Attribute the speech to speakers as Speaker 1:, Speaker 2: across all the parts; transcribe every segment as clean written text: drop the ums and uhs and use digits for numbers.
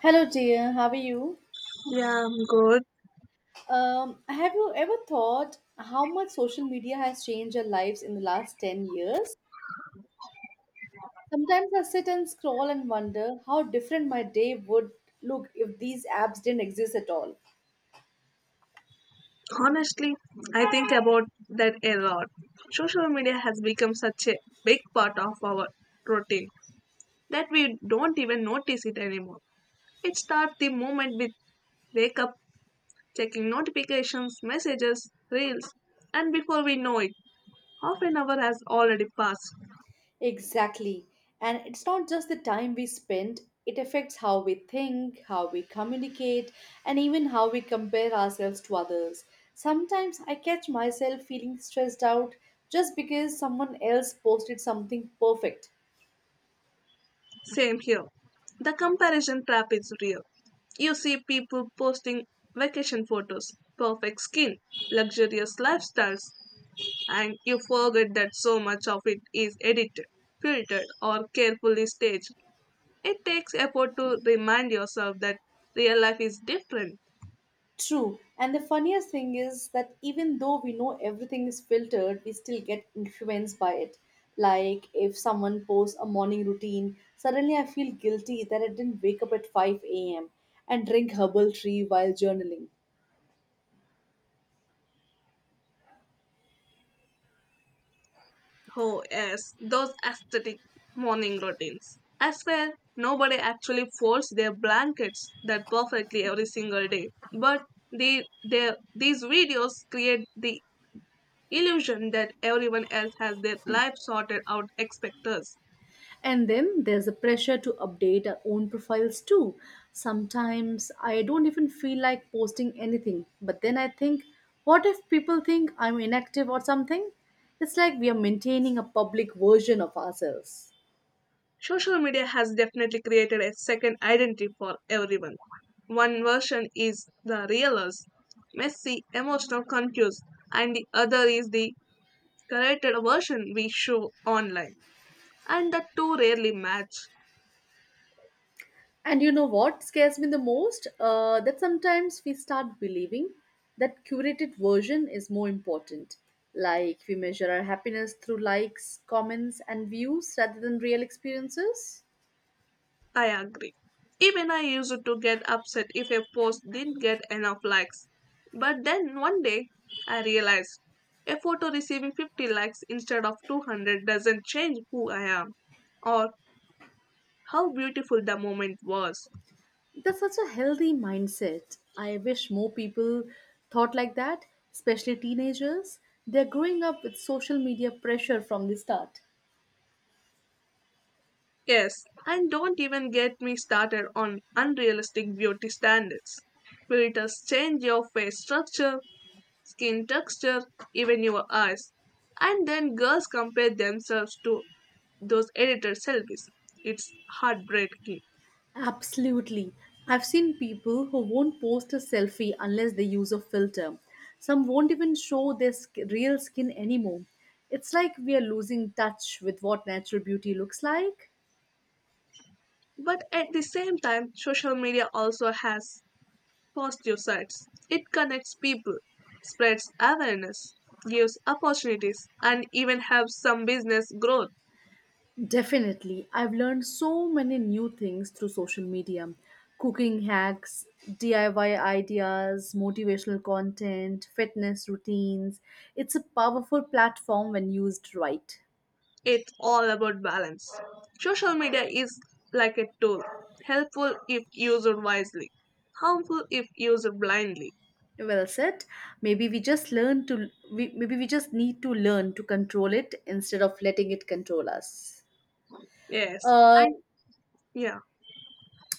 Speaker 1: Hello, dear. How are you?
Speaker 2: Yeah, I'm good.
Speaker 1: Have you ever thought how much social media has changed our lives in the last 10 years? Sometimes I sit and scroll and wonder how different my day would look if these apps didn't exist at all.
Speaker 2: Honestly, I think about that a lot. Social media has become such a big part of our routine that we don't even notice it anymore. It starts the moment we wake up, checking notifications, messages, reels, and before we know it, half an hour has already passed.
Speaker 1: Exactly. And it's not just the time we spend, it affects how we think, how we communicate, and even how we compare ourselves to others. Sometimes I catch myself feeling stressed out just because someone else posted something perfect.
Speaker 2: Same here. The comparison trap is real. You see people posting vacation photos, perfect skin, luxurious lifestyles, and you forget that so much of it is edited, filtered, or carefully staged. It takes effort to remind yourself that real life is different.
Speaker 1: True. And the funniest thing is that even though we know everything is filtered, we still get influenced by it. Like if someone posts a morning routine, suddenly I feel guilty that I didn't wake up at 5 a.m. and drink herbal tea while journaling.
Speaker 2: Oh, yes, those aesthetic morning routines. I swear, nobody actually folds their blankets that perfectly every single day. But these videos create the illusion that everyone else has their life sorted out expect us.
Speaker 1: And then there's the pressure to update our own profiles too. Sometimes I don't even feel like posting anything, but then I think, what if people think I'm inactive or something? It's like we are maintaining a public version of ourselves.
Speaker 2: Social media has definitely created a second identity for everyone. One version is the real us, messy, emotional, confused, and the other is the curated version we show online. And the two rarely match.
Speaker 1: And you know what scares me the most? That sometimes we start believing that curated version is more important. Like we measure our happiness through likes, comments, and views rather than real experiences.
Speaker 2: I agree. Even I used to get upset if a post didn't get enough likes. But then one day I realized a photo receiving 50 likes instead of 200 doesn't change who I am or how beautiful the moment was.
Speaker 1: That's such a healthy mindset. I wish more people thought like that, especially teenagers. They're growing up with social media pressure from the start.
Speaker 2: Yes, and don't even get me started on unrealistic beauty standards. Filters change your face structure, skin texture, even your eyes. And then girls compare themselves to those editor selfies. It's heartbreaking.
Speaker 1: Absolutely. I've seen people who won't post a selfie unless they use a filter. Some won't even show their real skin anymore. It's like we are losing touch with what natural beauty looks like.
Speaker 2: But at the same time, social media also has positive sides. It connects people, spreads awareness, gives opportunities, and even helps some business growth.
Speaker 1: Definitely. I've learned so many new things through social media: cooking hacks, DIY ideas, motivational content, fitness routines. It's a powerful platform when used right.
Speaker 2: It's all about balance. Social media is like a tool, helpful if used wisely, harmful if used blindly.
Speaker 1: Well said. Maybe we just maybe we just need to learn to control it instead of letting it control us.
Speaker 2: Yes,
Speaker 1: Uh,
Speaker 2: and yeah,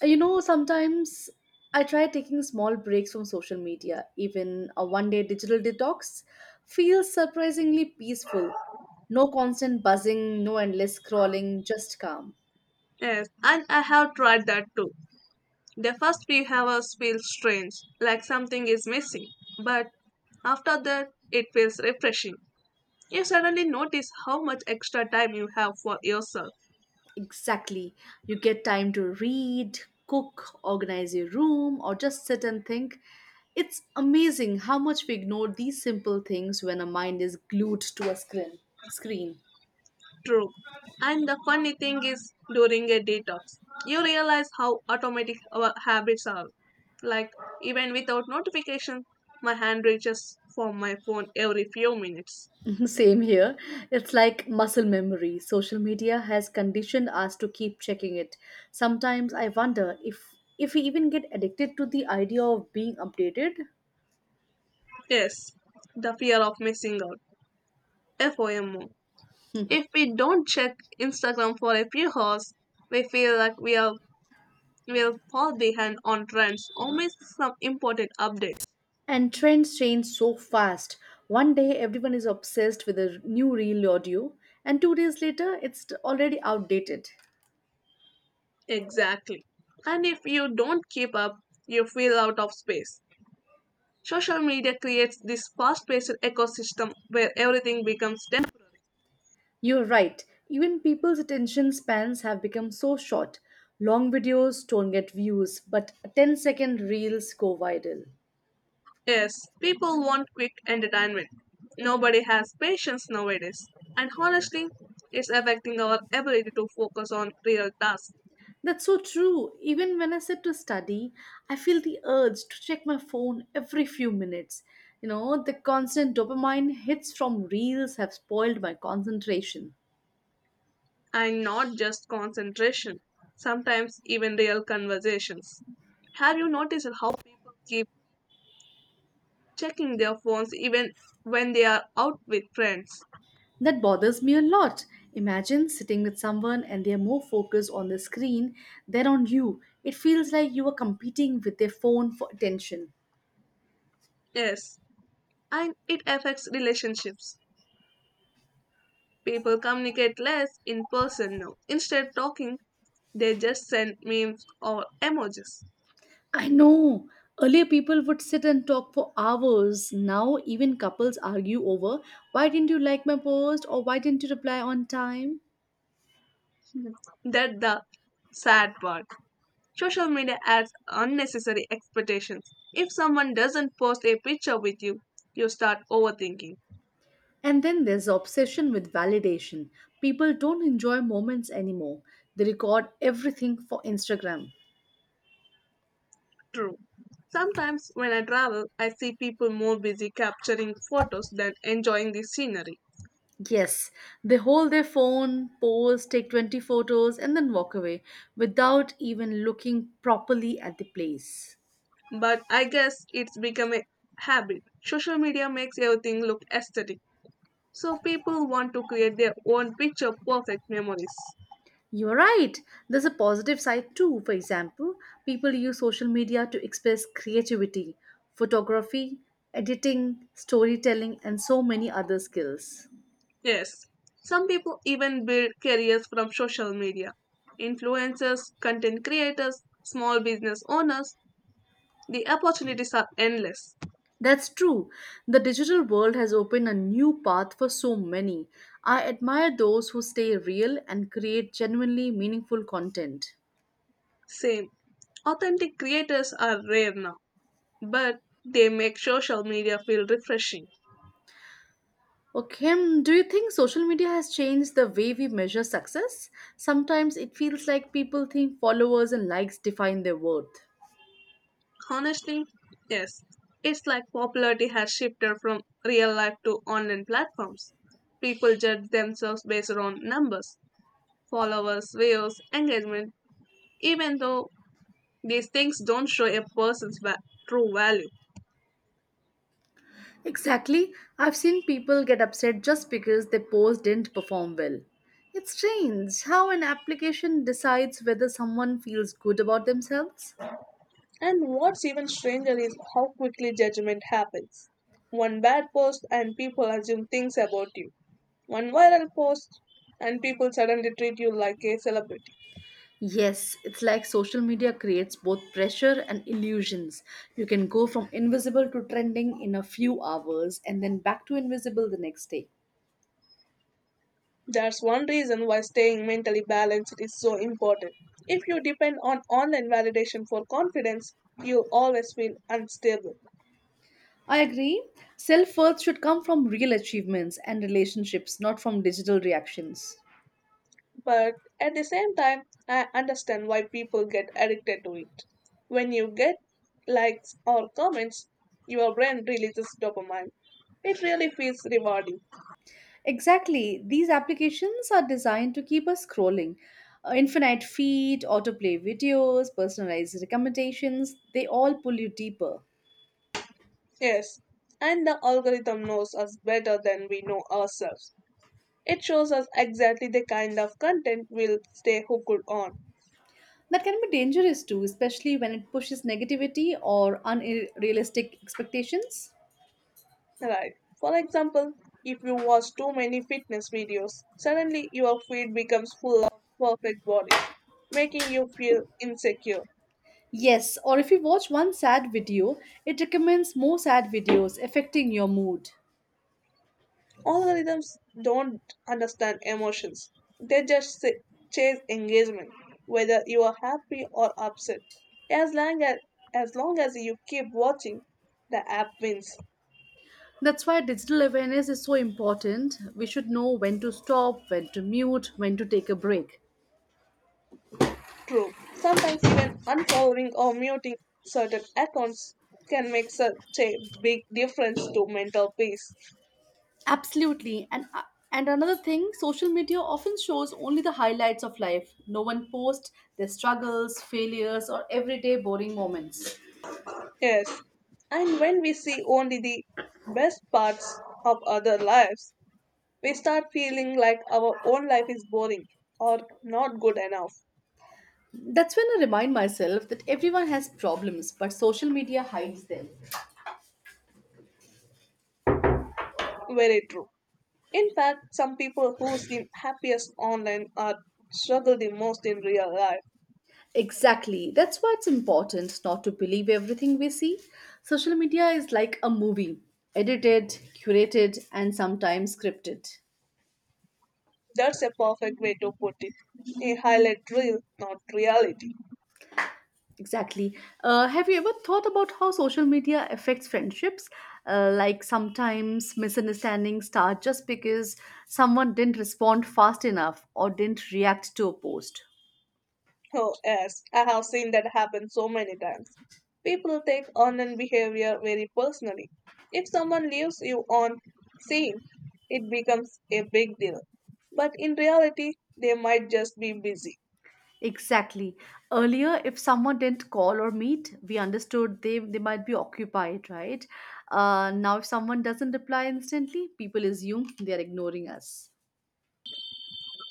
Speaker 1: Sometimes I try taking small breaks from social media. Even a one-day digital detox feels surprisingly peaceful. No constant buzzing, no endless scrolling, just calm.
Speaker 2: yes, and I have tried that too. The first few hours feel strange, like something is missing, but after that, it feels refreshing. You suddenly notice how much extra time you have for yourself.
Speaker 1: Exactly. You get time to read, cook, organize your room, or just sit and think. It's amazing how much we ignore these simple things when our mind is glued to a screen.
Speaker 2: True. And the funny thing is, during a detox, you realize how automatic our habits are. Like, even without notification, my hand reaches for my phone every few minutes.
Speaker 1: Same here. It's like muscle memory. Social media has conditioned us to keep checking it. Sometimes I wonder if we even get addicted to the idea of being updated.
Speaker 2: Yes, the fear of missing out. FOMO. If we don't check Instagram for a few hours, we feel like we are will fall behind on trends or miss some important updates.
Speaker 1: And trends change so fast. One day everyone is obsessed with a new reel audio, and 2 days later it's already outdated.
Speaker 2: Exactly. And if you don't keep up, you feel out of space. Social media creates this fast paced ecosystem where everything becomes temporary.
Speaker 1: You're right, even people's attention spans have become so short. Long videos don't get views, but ten-second reels go viral.
Speaker 2: Yes, people want quick entertainment. Nobody has patience nowadays. And honestly, it's affecting our ability to focus on real tasks,
Speaker 1: That's so true. Even when I sit to study, I feel the urge to check my phone every few minutes. You know, the constant dopamine hits from reels have spoiled my concentration.
Speaker 2: and not just concentration, sometimes even real conversations. Have you noticed how people keep checking their phones even when they are out with friends?
Speaker 1: That bothers me a lot. Imagine sitting with someone and they're more focused on the screen than on you. It feels like you are competing with their phone for attention.
Speaker 2: Yes, and it affects relationships. People communicate less in person now. Instead of talking, they just send memes or emojis.
Speaker 1: I know. Earlier, people would sit and talk for hours. Now, even couples argue over why didn't you like my post or why didn't you reply on time?
Speaker 2: That's the sad part. Social media adds unnecessary expectations. If someone doesn't post a picture with you, you start overthinking.
Speaker 1: And then there's the obsession with validation. People don't enjoy moments anymore, they record everything for Instagram.
Speaker 2: True. Sometimes when I travel, I see people more busy capturing photos than enjoying the scenery.
Speaker 1: Yes, they hold their phone, pose, take 20 photos, and then walk away without even looking properly at the place.
Speaker 2: But I guess it's become a habit. Social media makes everything look aesthetic. So people want to create their own picture perfect memories.
Speaker 1: You're right. There's a positive side too. For example, people use social media to express creativity, photography, editing, storytelling, and so many other skills.
Speaker 2: Yes, some people even build careers from social media. Influencers, content creators, small business owners, the opportunities are endless.
Speaker 1: That's true. The digital world has opened a new path for so many. I admire those who stay real and create genuinely meaningful content.
Speaker 2: Same. Authentic creators are rare now, but they make social media feel refreshing.
Speaker 1: Okay, do you think social media has changed the way we measure success? Sometimes it feels like people think followers and likes define their worth.
Speaker 2: Honestly, yes, it's like popularity has shifted from real life to online platforms. People judge themselves based on numbers, followers, views, engagement, even though these things don't show a person's true value.
Speaker 1: Exactly. I've seen people get upset just because their post didn't perform well. It's strange how an application decides whether someone feels good about themselves.
Speaker 2: And what's even stranger is how quickly judgment happens. One bad post and people assume things about you. One viral post and people suddenly treat you like a celebrity.
Speaker 1: Yes, it's like social media creates both pressure and illusions. You can go from invisible to trending in a few hours and then back to invisible the next day.
Speaker 2: That's one reason why staying mentally balanced is so important. If you depend on online validation for confidence, you'll always feel unstable.
Speaker 1: I agree. Self worth should come from real achievements and relationships, not from digital reactions.
Speaker 2: But at the same time, I understand why people get addicted to it. When you get likes or comments, your brain releases dopamine. It really feels rewarding.
Speaker 1: Exactly. These applications are designed to keep us scrolling. Infinite feed, autoplay videos, personalized recommendations, they all pull you deeper.
Speaker 2: Yes, and the algorithm knows us better than we know ourselves. It shows us exactly the kind of content we'll stay hooked on.
Speaker 1: That can be dangerous too, especially when it pushes negativity or unrealistic expectations.
Speaker 2: Right. For example, if you watch too many fitness videos, suddenly your feed becomes full of perfect bodies, making you feel insecure.
Speaker 1: Yes, or if you watch one sad video, it recommends more sad videos, affecting your mood.
Speaker 2: Algorithms don't understand emotions, they just chase engagement, whether you are happy or upset. As long as, as long as you keep watching, the app wins.
Speaker 1: That's why digital awareness is so important. We should know when to stop, when to mute, when to take a break.
Speaker 2: True. Sometimes even unfollowing or muting certain accounts can make such a big difference to mental peace.
Speaker 1: Absolutely. And another thing, social media often shows only the highlights of life. No one posts their struggles, failures, or everyday boring moments.
Speaker 2: Yes. And when we see only the best parts of other lives, we start feeling like our own life is boring or not good enough.
Speaker 1: That's when I remind myself that everyone has problems, but social media hides them.
Speaker 2: Very true. In fact, some people who seem happiest online are struggle the most in real life.
Speaker 1: Exactly. That's why it's important not to believe everything we see. Social media is like a movie, edited, curated, and sometimes scripted.
Speaker 2: That's a perfect way to put it. A highlight reel, not reality.
Speaker 1: Exactly. Have you ever thought about how social media affects friendships? Like sometimes misunderstandings start just because someone didn't respond fast enough or didn't react to a post.
Speaker 2: Oh yes, I have seen that happen so many times. People take online behavior very personally. If someone leaves you on scene, it becomes a big deal. But in reality, they might just be busy.
Speaker 1: Exactly. Earlier, if someone didn't call or meet, we understood they might be occupied, right? Now, if someone doesn't reply instantly, people assume they are ignoring us.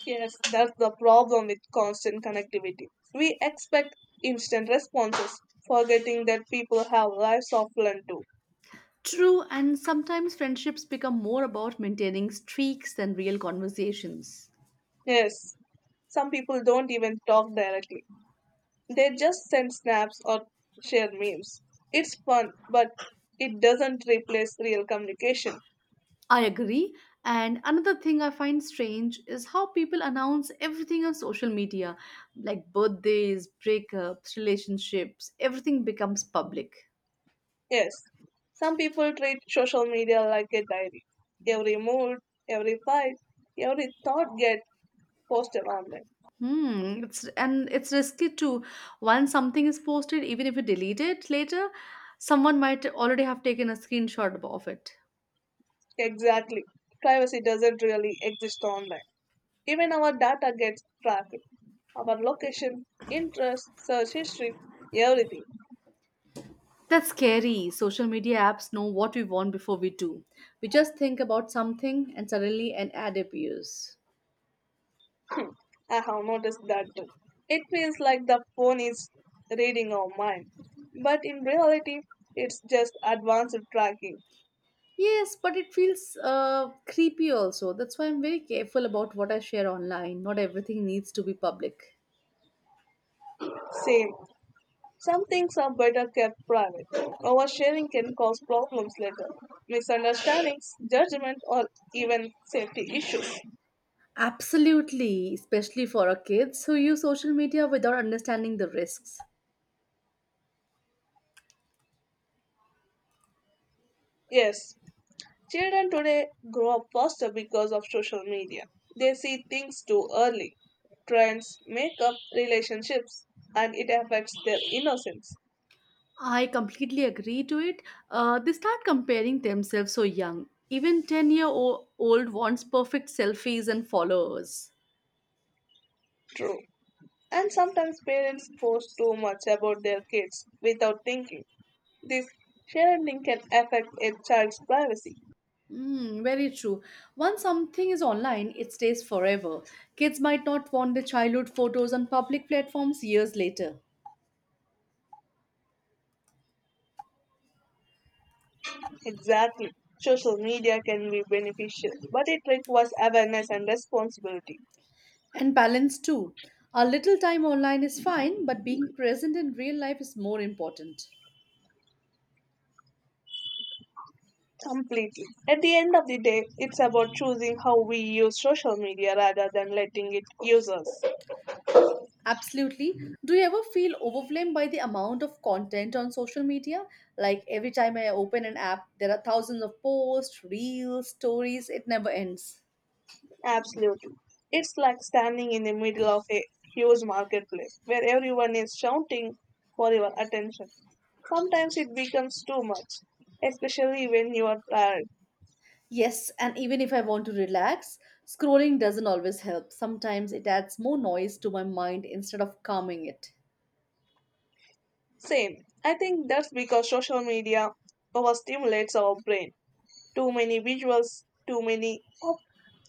Speaker 2: Yes, that's the problem with constant connectivity. We expect instant responses, forgetting that people have lives offline too.
Speaker 1: True, and sometimes friendships become more about maintaining streaks than real conversations.
Speaker 2: Yes, some people don't even talk directly, they just send snaps or share memes. It's fun, but it doesn't replace real communication.
Speaker 1: I agree. And another thing I find strange is how people announce everything on social media, like birthdays, breakups, relationships, everything becomes public.
Speaker 2: Yes, some people treat social media like a diary. Every mood, every fight, every thought gets posted online.
Speaker 1: Hmm. It's and it's risky too. Once something is posted, even if you delete it later, someone might already have taken a screenshot of it.
Speaker 2: Exactly. Privacy doesn't really exist online. Even our data gets tracked. Our location, interests, search history, everything.
Speaker 1: That's scary. Social media apps know what we want before we do. We just think about something and suddenly an ad appears.
Speaker 2: I have noticed that too. It feels like the phone is reading our mind. But in reality, it's just advanced tracking.
Speaker 1: Yes, but it feels creepy also. That's why I'm very careful about what I share online. Not everything needs to be public.
Speaker 2: Same. Some things are better kept private. Oversharing can cause problems later, misunderstandings, judgment, or even safety issues.
Speaker 1: Absolutely, especially for our kids who use social media without understanding the risks.
Speaker 2: Yes, children today grow up faster because of social media. They see things too early. Trends make up relationships and it affects their innocence.
Speaker 1: I completely agree to it. They start comparing themselves so young. Even 10 old wants perfect selfies and followers.
Speaker 2: True. And sometimes parents post too much about their kids without thinking. This sharing can affect a child's privacy.
Speaker 1: Mm, very true. Once something is online, it stays forever. Kids might not want their childhood photos on public platforms years later.
Speaker 2: Exactly. Social media can be beneficial, but it requires awareness and responsibility.
Speaker 1: And balance too. A little time online is fine, but being present in real life is more important.
Speaker 2: Completely. At the end of the day, it's about choosing how we use social media rather than letting it use us.
Speaker 1: Absolutely. Do you ever feel overwhelmed by the amount of content on social media? Like every time I open an app, there are thousands of posts, reels, stories, it never ends.
Speaker 2: Absolutely. It's like standing in the middle of a huge marketplace where everyone is shouting for your attention. Sometimes it becomes too much, especially when you are tired.
Speaker 1: Yes, and even if I want to relax, scrolling doesn't always help. Sometimes it adds more noise to my mind instead of calming it.
Speaker 2: Same. I think that's because social media overstimulates our brain. Too many visuals, too many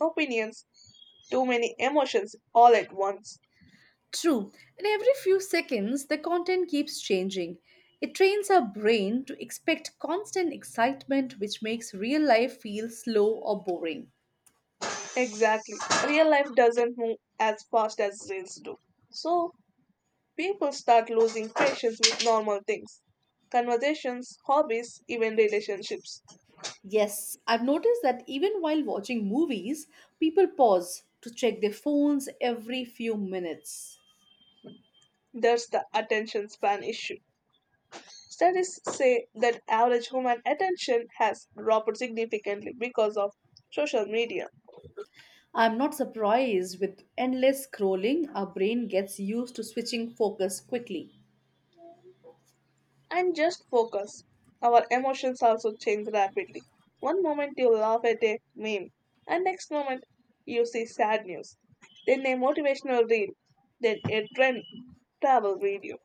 Speaker 2: opinions, too many emotions all at once.
Speaker 1: True, and every few seconds, the content keeps changing. It trains our brain to expect constant excitement, which makes real life feel slow or boring.
Speaker 2: Exactly. Real life doesn't move as fast as reels do. So people start losing patience with normal things. Conversations, hobbies, even relationships.
Speaker 1: Yes, I've noticed that even while watching movies, people pause to check their phones every few minutes.
Speaker 2: There's the attention span issue. Studies say that average human attention has dropped significantly because of social media.
Speaker 1: I'm not surprised with endless scrolling, our brain gets used to switching focus quickly.
Speaker 2: And just focus. Our emotions also change rapidly. One moment you laugh at a meme, and next moment you see sad news, then a motivational reel, then a trend travel video.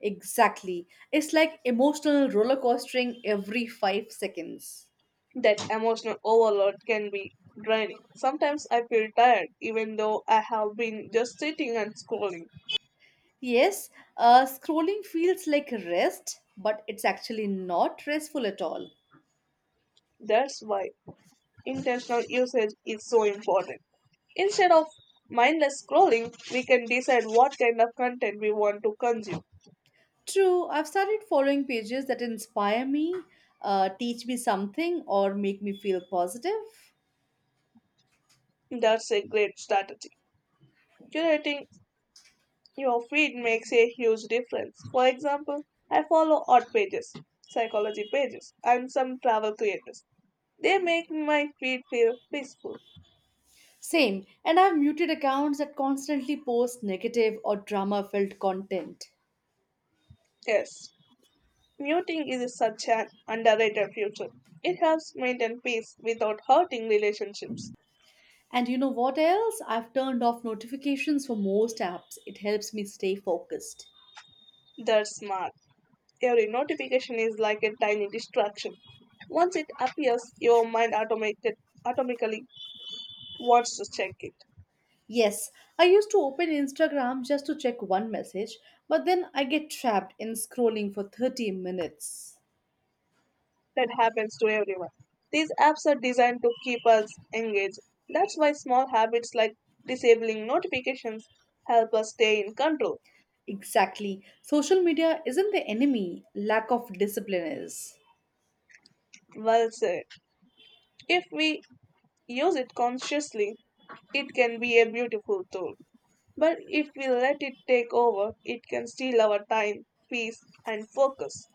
Speaker 1: Exactly. It's like emotional roller coastering every 5 seconds.
Speaker 2: That emotional overload can be draining. Sometimes I feel tired even though I have been just sitting and scrolling.
Speaker 1: Yes, scrolling feels like rest, but it's actually not restful at all.
Speaker 2: That's why intentional usage is so important. Instead of mindless scrolling, we can decide what kind of content we want to consume.
Speaker 1: True, I've started following pages that inspire me, teach me something, or make me feel positive.
Speaker 2: That's a great strategy. Curating your feed makes a huge difference. For example, I follow art pages, psychology pages, and some travel creators. They make my feed feel peaceful.
Speaker 1: Same, and I've muted accounts that constantly post negative or drama filled content.
Speaker 2: Yes, muting is such an underrated feature. It helps maintain peace without hurting relationships.
Speaker 1: And you know what else? I've turned off notifications for most apps. It helps me stay focused.
Speaker 2: That's smart. Every notification is like a tiny distraction. Once it appears, your mind automatically wants to check it.
Speaker 1: Yes, I used to open Instagram just to check one message, but then I get trapped in scrolling for 30 minutes.
Speaker 2: That happens to everyone. These apps are designed to keep us engaged. That's why small habits like disabling notifications help us stay in control.
Speaker 1: Exactly. Social media isn't the enemy, lack of discipline is.
Speaker 2: Well said. If we use it consciously, it can be a beautiful tool. But if we let it take over, it can steal our time, peace, and focus.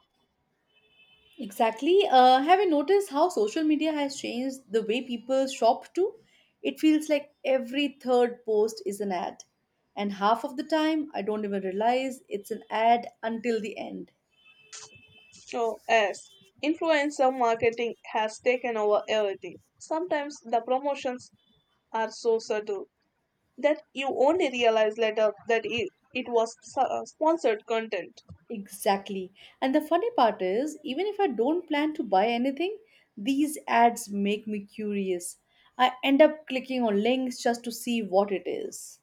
Speaker 1: Exactly. Have you noticed how social media has changed the way people shop too? It feels like every third post is an ad. And half of the time, I don't even realize it's an ad until the end.
Speaker 2: So, as influencer marketing has taken over everything, sometimes the promotions are so subtle that you only realize later that it was sponsored content.
Speaker 1: Exactly. And the funny part is, even if I don't plan to buy anything, these ads make me curious. I end up clicking on links just to see what it is.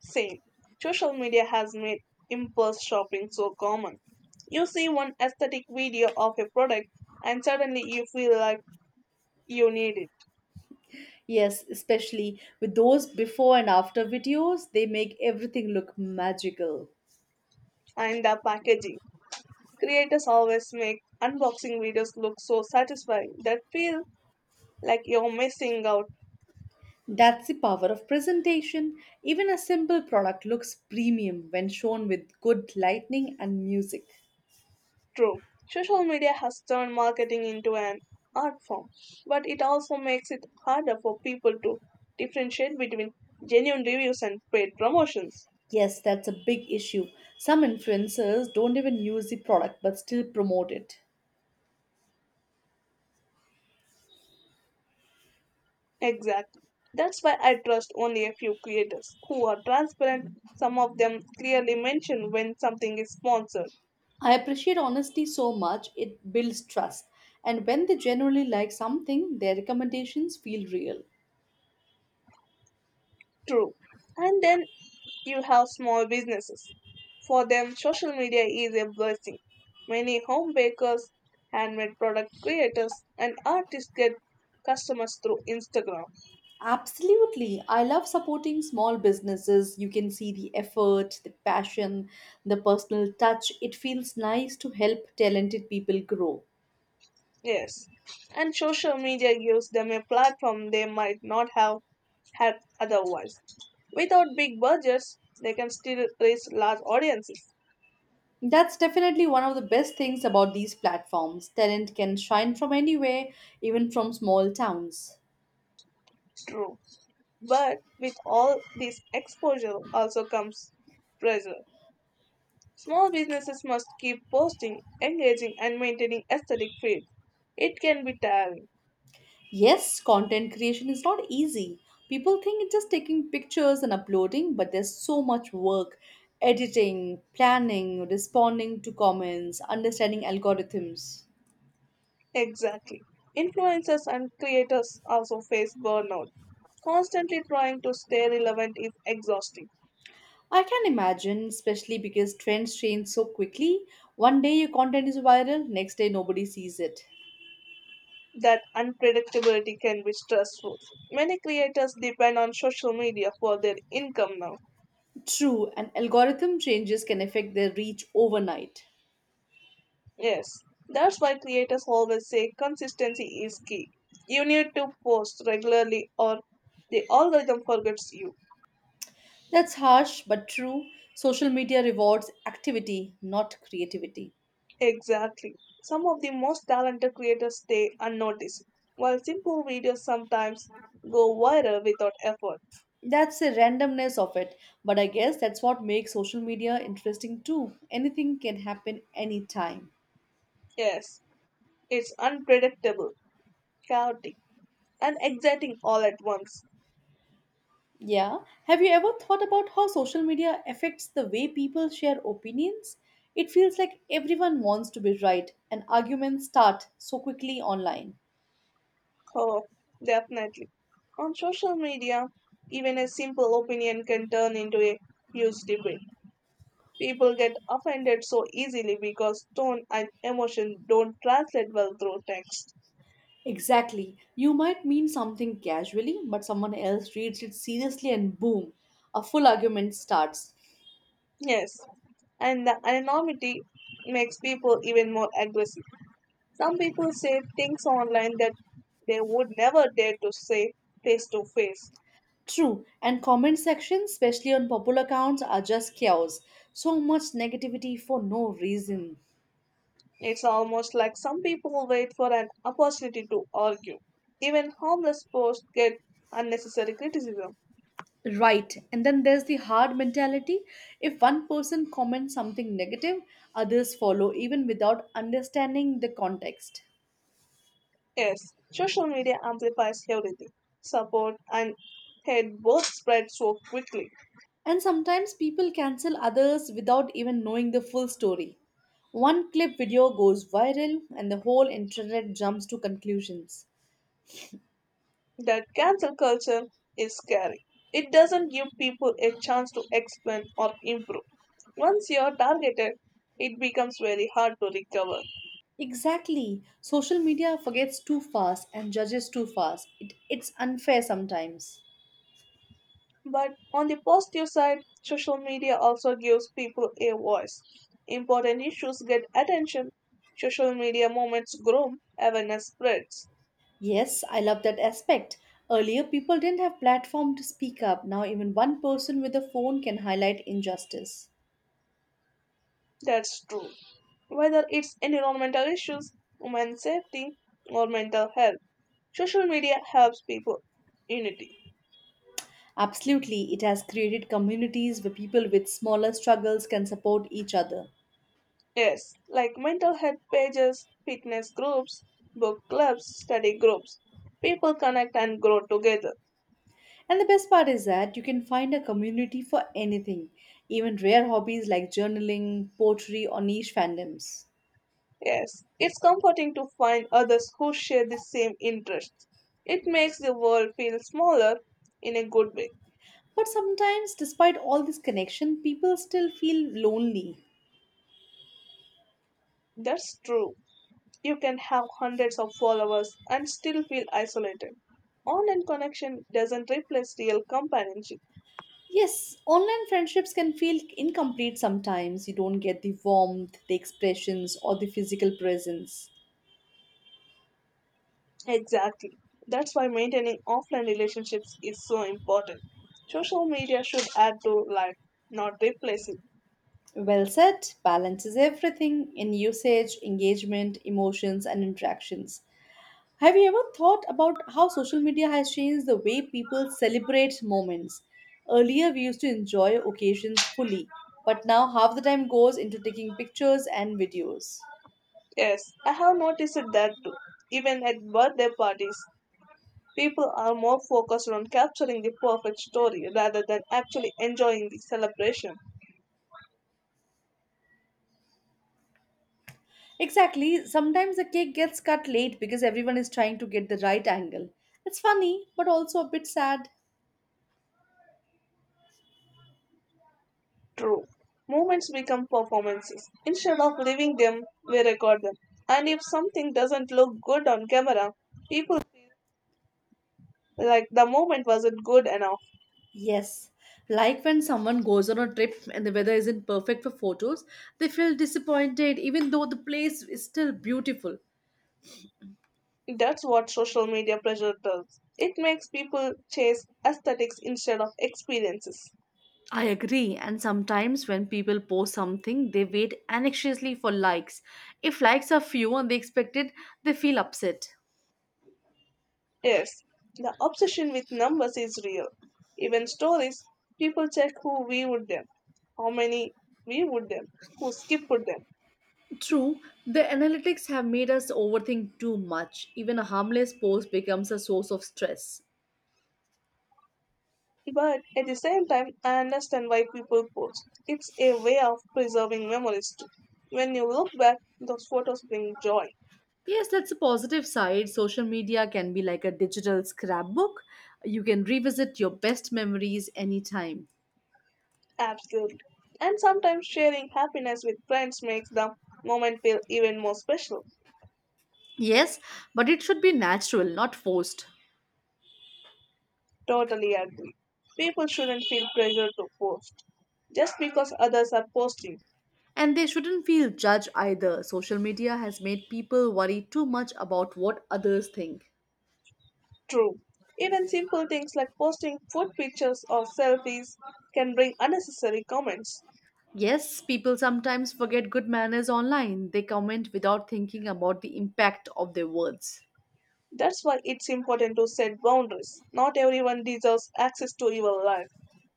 Speaker 2: Same. Social media has made impulse shopping so common. You see one aesthetic video of a product and suddenly you feel like you need it.
Speaker 1: Yes, especially with those before and after videos, they make everything look magical.
Speaker 2: And the packaging. Creators always make unboxing videos look so satisfying that feel like you're missing out.
Speaker 1: That's the power of presentation. Even a simple product looks premium when shown with good lighting and music.
Speaker 2: True. Social media has turned marketing into an art form, but it also makes it harder for people to differentiate between genuine reviews and paid promotions.
Speaker 1: Yes, that's a big issue. Some influencers don't even use the product but still promote it.
Speaker 2: Exactly. That's why I trust only a few creators who are transparent. Some of them clearly mention when something is sponsored.
Speaker 1: I appreciate honesty so much, it builds trust. And when they genuinely like something, their recommendations feel real.
Speaker 2: True. And then you have small businesses. For them, social media is a blessing. Many home bakers, handmade product creators, and artists get customers through Instagram.
Speaker 1: Absolutely. I love supporting small businesses. You can see the effort, the passion, the personal touch. It feels nice to help talented people grow.
Speaker 2: Yes. And social media gives them a platform they might not have had otherwise. Without big budgets, they can still reach large audiences.
Speaker 1: That's definitely one of the best things about these platforms. Talent can shine from anywhere, even from small towns.
Speaker 2: True. But with all this exposure also comes pressure. Small businesses must keep posting, engaging, and maintaining aesthetic feeds. It can be tiring.
Speaker 1: Yes, content creation is not easy. People think it's just taking pictures and uploading, but there's so much work editing, planning, responding to comments, understanding algorithms.
Speaker 2: Exactly. Influencers and creators also face burnout. Constantly trying to stay relevant is exhausting.
Speaker 1: I can imagine, especially because trends change so quickly. One day your content is viral, next day nobody sees it.
Speaker 2: That unpredictability can be stressful. Many creators depend on social media for their income now.
Speaker 1: True, and algorithm changes can affect their reach overnight.
Speaker 2: Yes, that's why creators always say consistency is key. You need to post regularly or the algorithm forgets you.
Speaker 1: That's harsh but true. Social media rewards activity, not creativity.
Speaker 2: Exactly. Some of the most talented creators stay unnoticed, while simple videos sometimes go viral without effort.
Speaker 1: That's the randomness of it, but I guess that's what makes social media interesting too. Anything can happen anytime.
Speaker 2: Yes, it's unpredictable, chaotic, and exciting all at once.
Speaker 1: Yeah. Have you ever thought about how social media affects the way people share opinions? It feels like everyone wants to be right, and arguments start so quickly online.
Speaker 2: Oh, definitely. On social media, even a simple opinion can turn into a huge debate. People get offended so easily because tone and emotion don't translate well through text.
Speaker 1: Exactly. You might mean something casually, but someone else reads it seriously, and boom, a full argument starts.
Speaker 2: Yes, and the anonymity makes people even more aggressive. Some people say things online that they would never dare to say face to face.
Speaker 1: True, and comment sections, especially on popular accounts, are just chaos. So much negativity for no reason.
Speaker 2: It's almost like some people wait for an opportunity to argue. Even harmless posts get unnecessary criticism.
Speaker 1: Right. And then there's the hard mentality. If one person comments something negative, others follow even without understanding the context.
Speaker 2: Yes, social media amplifies everything. Support and hate both spread so quickly.
Speaker 1: And sometimes people cancel others without even knowing the full story. One clip video goes viral and the whole internet jumps to conclusions.
Speaker 2: That cancel culture is scary. It doesn't give people a chance to expand or improve. Once you're targeted, it becomes very hard to recover.
Speaker 1: Exactly. Social media forgets too fast and judges too fast. It's unfair sometimes.
Speaker 2: But on the positive side, social media also gives people a voice. Important issues get attention. Social media movements grow, awareness spreads.
Speaker 1: Yes, I love that aspect. Earlier, people didn't have platform to speak up. Now, even one person with a phone can highlight injustice.
Speaker 2: That's true. Whether it's environmental issues, women's safety, or mental health, social media helps people unity.
Speaker 1: Absolutely, it has created communities where people with smaller struggles can support each other.
Speaker 2: Yes, like mental health pages, fitness groups, book clubs, study groups. People connect and grow together.
Speaker 1: And the best part is that you can find a community for anything, even rare hobbies like journaling, poetry, or niche fandoms.
Speaker 2: Yes, it's comforting to find others who share the same interests. It makes the world feel smaller in a good way.
Speaker 1: But sometimes, despite all this connection, people still feel lonely.
Speaker 2: That's true. You can have hundreds of followers and still feel isolated. Online connection doesn't replace real companionship.
Speaker 1: Yes, online friendships can feel incomplete sometimes. You don't get the warmth, the expressions, or the physical presence.
Speaker 2: Exactly. That's why maintaining offline relationships is so important. Social media should add to life, not replace it.
Speaker 1: Well said, balances everything in usage, engagement, emotions, and interactions. Have you ever thought about how social media has changed the way people celebrate moments? Earlier, we used to enjoy occasions fully, but now half the time goes into taking pictures and videos.
Speaker 2: Yes, I have noticed that too. Even at birthday parties, people are more focused on capturing the perfect story rather than actually enjoying the celebration.
Speaker 1: Exactly. Sometimes the cake gets cut late because everyone is trying to get the right angle. It's funny, but also a bit sad.
Speaker 2: True. Moments become performances. Instead of living them, we record them. And if something doesn't look good on camera, people like the moment wasn't good enough.
Speaker 1: Yes. Like when someone goes on a trip and the weather isn't perfect for photos, they feel disappointed even though the place is still beautiful.
Speaker 2: That's what social media pressure does. It makes people chase aesthetics instead of experiences.
Speaker 1: I agree. And sometimes when people post something, they wait anxiously for likes. If likes are few and they expect it, they feel upset.
Speaker 2: Yes, the obsession with numbers is real. Even stories, people check who viewed them, how many viewed them, who skipped them.
Speaker 1: True, the analytics have made us overthink too much. Even a harmless post becomes a source of stress.
Speaker 2: But at the same time, I understand why people post. It's a way of preserving memories too. When you look back, those photos bring joy.
Speaker 1: Yes, that's a positive side. Social media can be like a digital scrapbook. You can revisit your best memories anytime.
Speaker 2: Absolutely. And sometimes sharing happiness with friends makes the moment feel even more special.
Speaker 1: Yes, but it should be natural, not forced.
Speaker 2: Totally agree. People shouldn't feel pressure to post just because others are posting.
Speaker 1: And they shouldn't feel judged either. Social media has made people worry too much about what others think.
Speaker 2: True. Even simple things like posting food pictures or selfies can bring unnecessary comments.
Speaker 1: Yes, people sometimes forget good manners online. They comment without thinking about the impact of their words.
Speaker 2: That's why it's important to set boundaries. Not everyone deserves access to your life.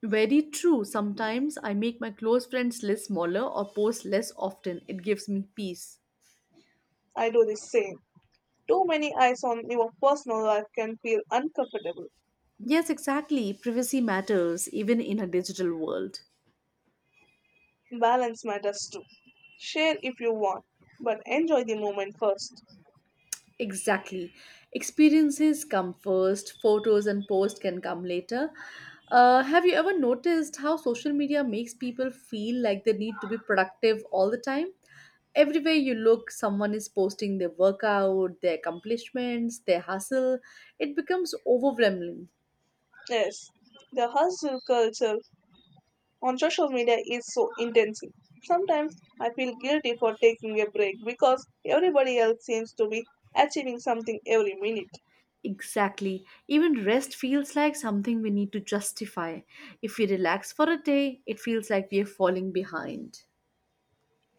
Speaker 1: Very true. Sometimes I make my close friends list smaller or post less often. It gives me peace.
Speaker 2: I do the same. Too many eyes on your personal life can feel uncomfortable.
Speaker 1: Yes, exactly. Privacy matters even in a digital world.
Speaker 2: Balance matters too. Share if you want, but enjoy the moment first.
Speaker 1: Exactly. Experiences come first, photos and posts can come later. Have you ever noticed how social media makes people feel like they need to be productive all the time? Everywhere you look, someone is posting their workout, their accomplishments, their hustle. It becomes overwhelming.
Speaker 2: Yes, the hustle culture on social media is so intensive. Sometimes I feel guilty for taking a break because everybody else seems to be achieving something every minute.
Speaker 1: Exactly. Even rest feels like something we need to justify. If we relax for a day, it feels like we are falling behind.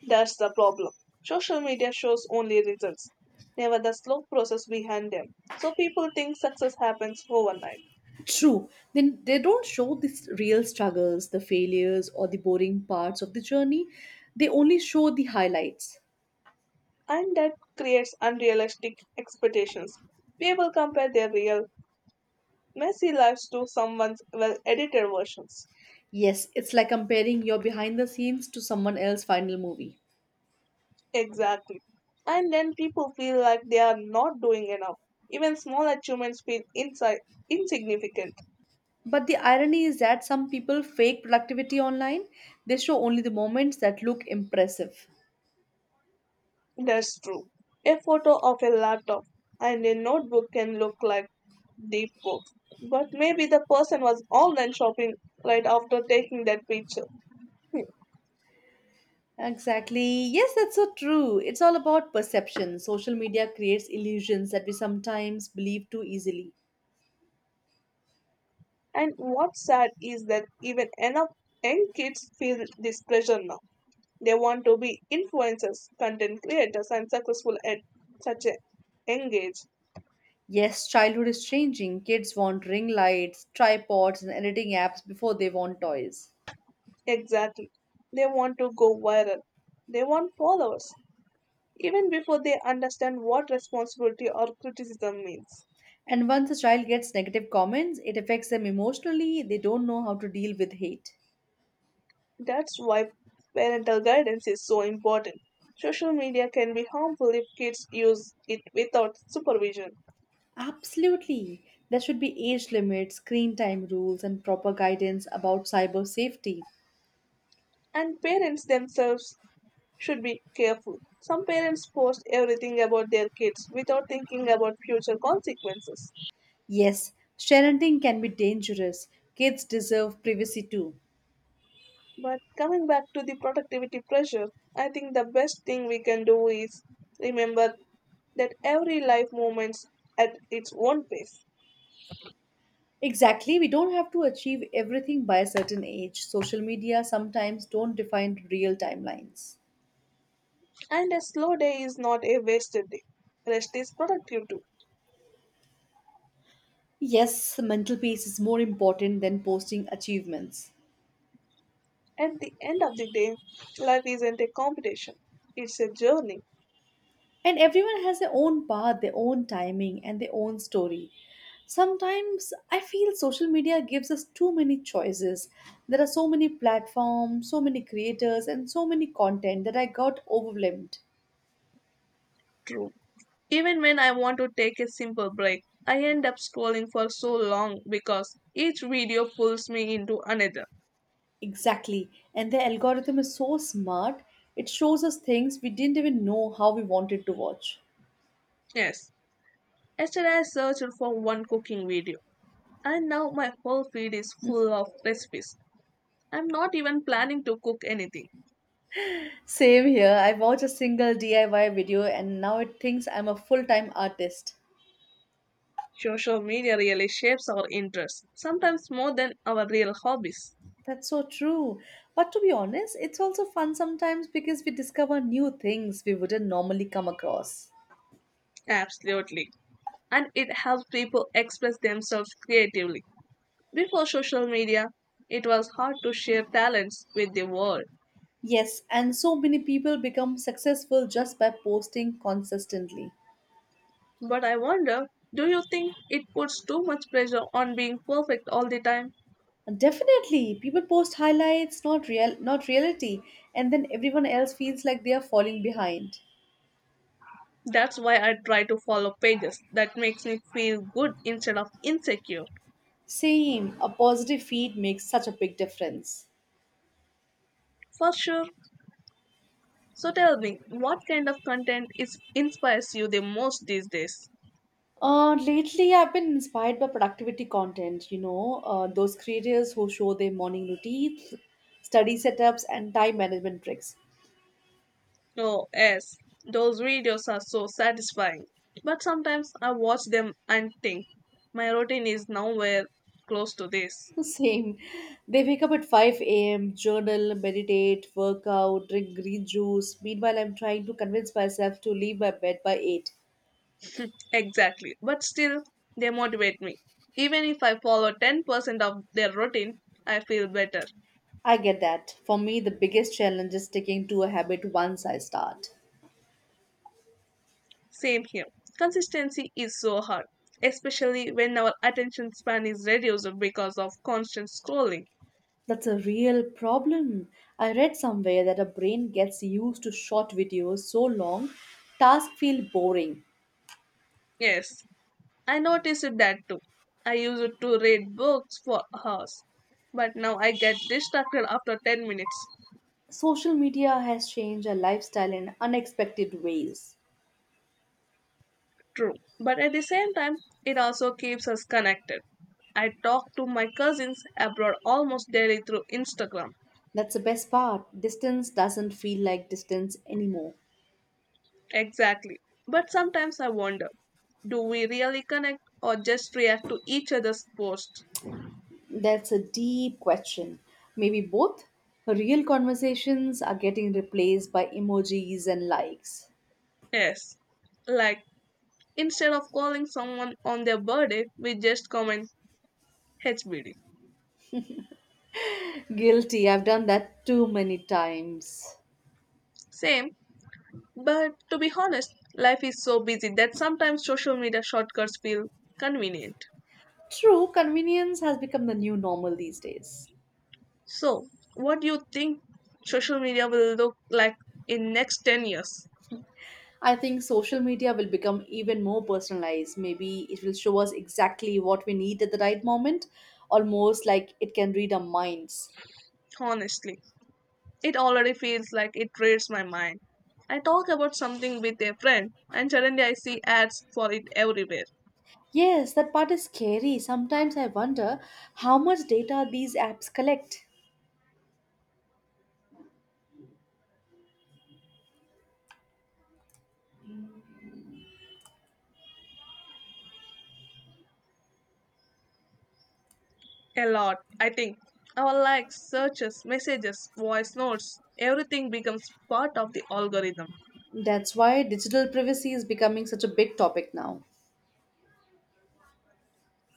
Speaker 2: That's the problem. Social media shows only results, never the slow process behind them. So people think success happens overnight,
Speaker 1: True. Then they don't show the real struggles, the failures, or the boring parts of the journey. They only show the highlights.
Speaker 2: and that creates unrealistic expectations. People compare their real, messy lives to someone's well edited versions.
Speaker 1: Yes, it's like comparing your behind the scenes to someone else's final movie.
Speaker 2: Exactly. And then people feel like they are not doing enough. Even small achievements feel inside insignificant.
Speaker 1: But the irony is that some people fake productivity online. They show only the moments that look impressive.
Speaker 2: That's true. A photo of a laptop and a notebook can look like deep work. But maybe the person was online shopping right after taking that picture. Hmm.
Speaker 1: Exactly. Yes, that's so true. It's all about perception. Social media creates illusions that we sometimes believe too easily.
Speaker 2: And what's sad is that even enough young kids feel this pressure now. They want to be influencers, content creators, and successful at such a young age.
Speaker 1: Yes, childhood is changing. Kids want ring lights, tripods, and editing apps before they want toys.
Speaker 2: Exactly. They want to go viral. They want followers, even before they understand what responsibility or criticism means.
Speaker 1: And once a child gets negative comments, it affects them emotionally. They don't know how to deal with hate.
Speaker 2: That's why parental guidance is so important. Social media can be harmful if kids use it without supervision,
Speaker 1: Absolutely. There should be age limits, screen time rules, and proper guidance about cyber safety.
Speaker 2: and parents themselves should be careful. Some parents post everything about their kids without thinking about future consequences.
Speaker 1: Yes, sharenting can be dangerous. Kids deserve privacy too.
Speaker 2: But coming back to the productivity pressure, I think the best thing we can do is remember that every life moves at its own pace,
Speaker 1: Exactly, we don't have to achieve everything by a certain age. Social media sometimes don't define real timelines.
Speaker 2: and a slow day is not a wasted day. Rest is productive too.
Speaker 1: Yes, mental peace is more important than posting achievements.
Speaker 2: At the end of the day, life isn't a competition, it's a journey.
Speaker 1: And everyone has their own path, their own timing, and their own story. Sometimes I feel social media gives us too many choices. There are so many platforms, so many creators, and so many content that I got overwhelmed.
Speaker 2: True. Even when I want to take a simple break, I end up scrolling for so long because each video pulls me into another.
Speaker 1: Exactly. And the algorithm is so smart, it shows us things we didn't even know how we wanted to watch.
Speaker 2: Yes, yesterday I searched for one cooking video. And now my whole feed is full of recipes. I'm not even planning to cook anything.
Speaker 1: Same here. I watch a single DIY video and now it thinks I'm a full time artist.
Speaker 2: Social media really shapes our interests, sometimes more than our real hobbies.
Speaker 1: That's so true. But to be honest, it's also fun sometimes because we discover new things we wouldn't normally come across.
Speaker 2: Absolutely. And it helps people express themselves creatively. Before social media, it was hard to share talents with the world.
Speaker 1: Yes, and so many people become successful just by posting consistently.
Speaker 2: But I wonder, do you think it puts too much pressure on being perfect all the time?
Speaker 1: Definitely, people post highlights, not reality, and then everyone else feels like they are falling behind.
Speaker 2: That's why I try to follow pages that makes me feel good instead of insecure.
Speaker 1: Same, a positive feed makes such a big difference.
Speaker 2: For sure. So tell me, what kind of content is inspires you the most these days?
Speaker 1: Lately, I've been inspired by productivity content, those creators who show their morning routines, study setups, and time management tricks.
Speaker 2: Oh, yes, those videos are so satisfying. But sometimes I watch them and think, my routine is nowhere close to this.
Speaker 1: Same. They wake up at 5 a.m., journal, meditate, work out, drink green juice. Meanwhile, I'm trying to convince myself to leave my bed by 8.
Speaker 2: Exactly. But still, they motivate me. Even if I follow 10% of their routine, I feel better.
Speaker 1: I get that. For me, the biggest challenge is sticking to a habit once I start.
Speaker 2: Same here. Consistency is so hard, especially when our attention span is reduced because of constant scrolling.
Speaker 1: That's a real problem. I read somewhere that our brain gets used to short videos so long, tasks feel boring.
Speaker 2: Yes, I noticed that too. I used to read books for hours, but now I get distracted after 10 minutes.
Speaker 1: Social media has changed our lifestyle in unexpected ways.
Speaker 2: True. But at the same time, it also keeps us connected. I talk to my cousins abroad almost daily through Instagram.
Speaker 1: That's the best part. Distance doesn't feel like distance anymore.
Speaker 2: Exactly. But sometimes I wonder, do we really connect or just react to each other's posts?
Speaker 1: That's a deep question. Maybe both? Real conversations are getting replaced by emojis and likes.
Speaker 2: Yes. Like, instead of calling someone on their birthday, we just comment HBD.
Speaker 1: Guilty, I've done that too many times.
Speaker 2: Same, but to be honest, life is so busy that sometimes social media shortcuts feel convenient.
Speaker 1: True, convenience has become the new normal these days.
Speaker 2: So, what do you think social media will look like in next 10 years?
Speaker 1: I think social media will become even more personalized. Maybe it will show us exactly what we need at the right moment, almost like it can read our minds.
Speaker 2: Honestly, it already feels like it raided my mind. I talk about something with a friend and suddenly I see ads for it everywhere.
Speaker 1: Yes, that part is scary. Sometimes I wonder how much data these apps collect.
Speaker 2: A lot, I think. Our likes, searches, messages, voice notes, everything becomes part of the algorithm.
Speaker 1: That's why digital privacy is becoming such a big topic now.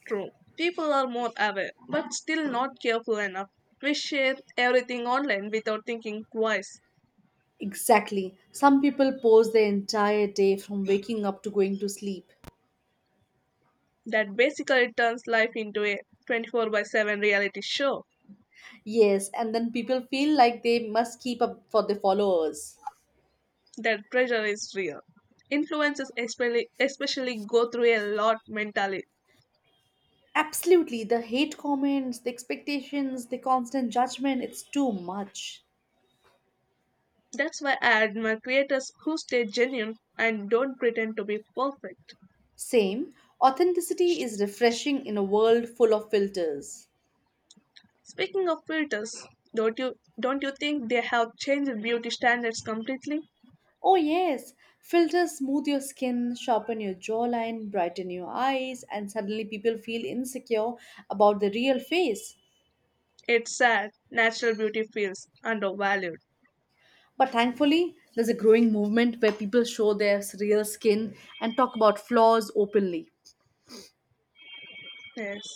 Speaker 2: True. People are more aware, but still not careful enough. We share everything online without thinking twice.
Speaker 1: Exactly. Some people post their entire day from waking up to going to sleep.
Speaker 2: That basically turns life into a 24/7 reality show.
Speaker 1: Yes, and then people feel like they must keep up for the followers.
Speaker 2: That pressure is real. Influencers especially go through a lot mentally.
Speaker 1: Absolutely, the hate comments, the expectations, the constant judgment, it's too much.
Speaker 2: That's why I admire creators who stay genuine and don't pretend to be perfect.
Speaker 1: Same, authenticity is refreshing in a world full of filters.
Speaker 2: Speaking of filters, don't you don't you think they have changed beauty standards completely?
Speaker 1: Oh, yes, filters smooth your skin, sharpen your jawline, brighten your eyes, and suddenly people feel insecure about their real face.
Speaker 2: It's sad natural beauty feels undervalued.
Speaker 1: But thankfully, there's a growing movement where people show their real skin and talk about flaws openly.
Speaker 2: Yes.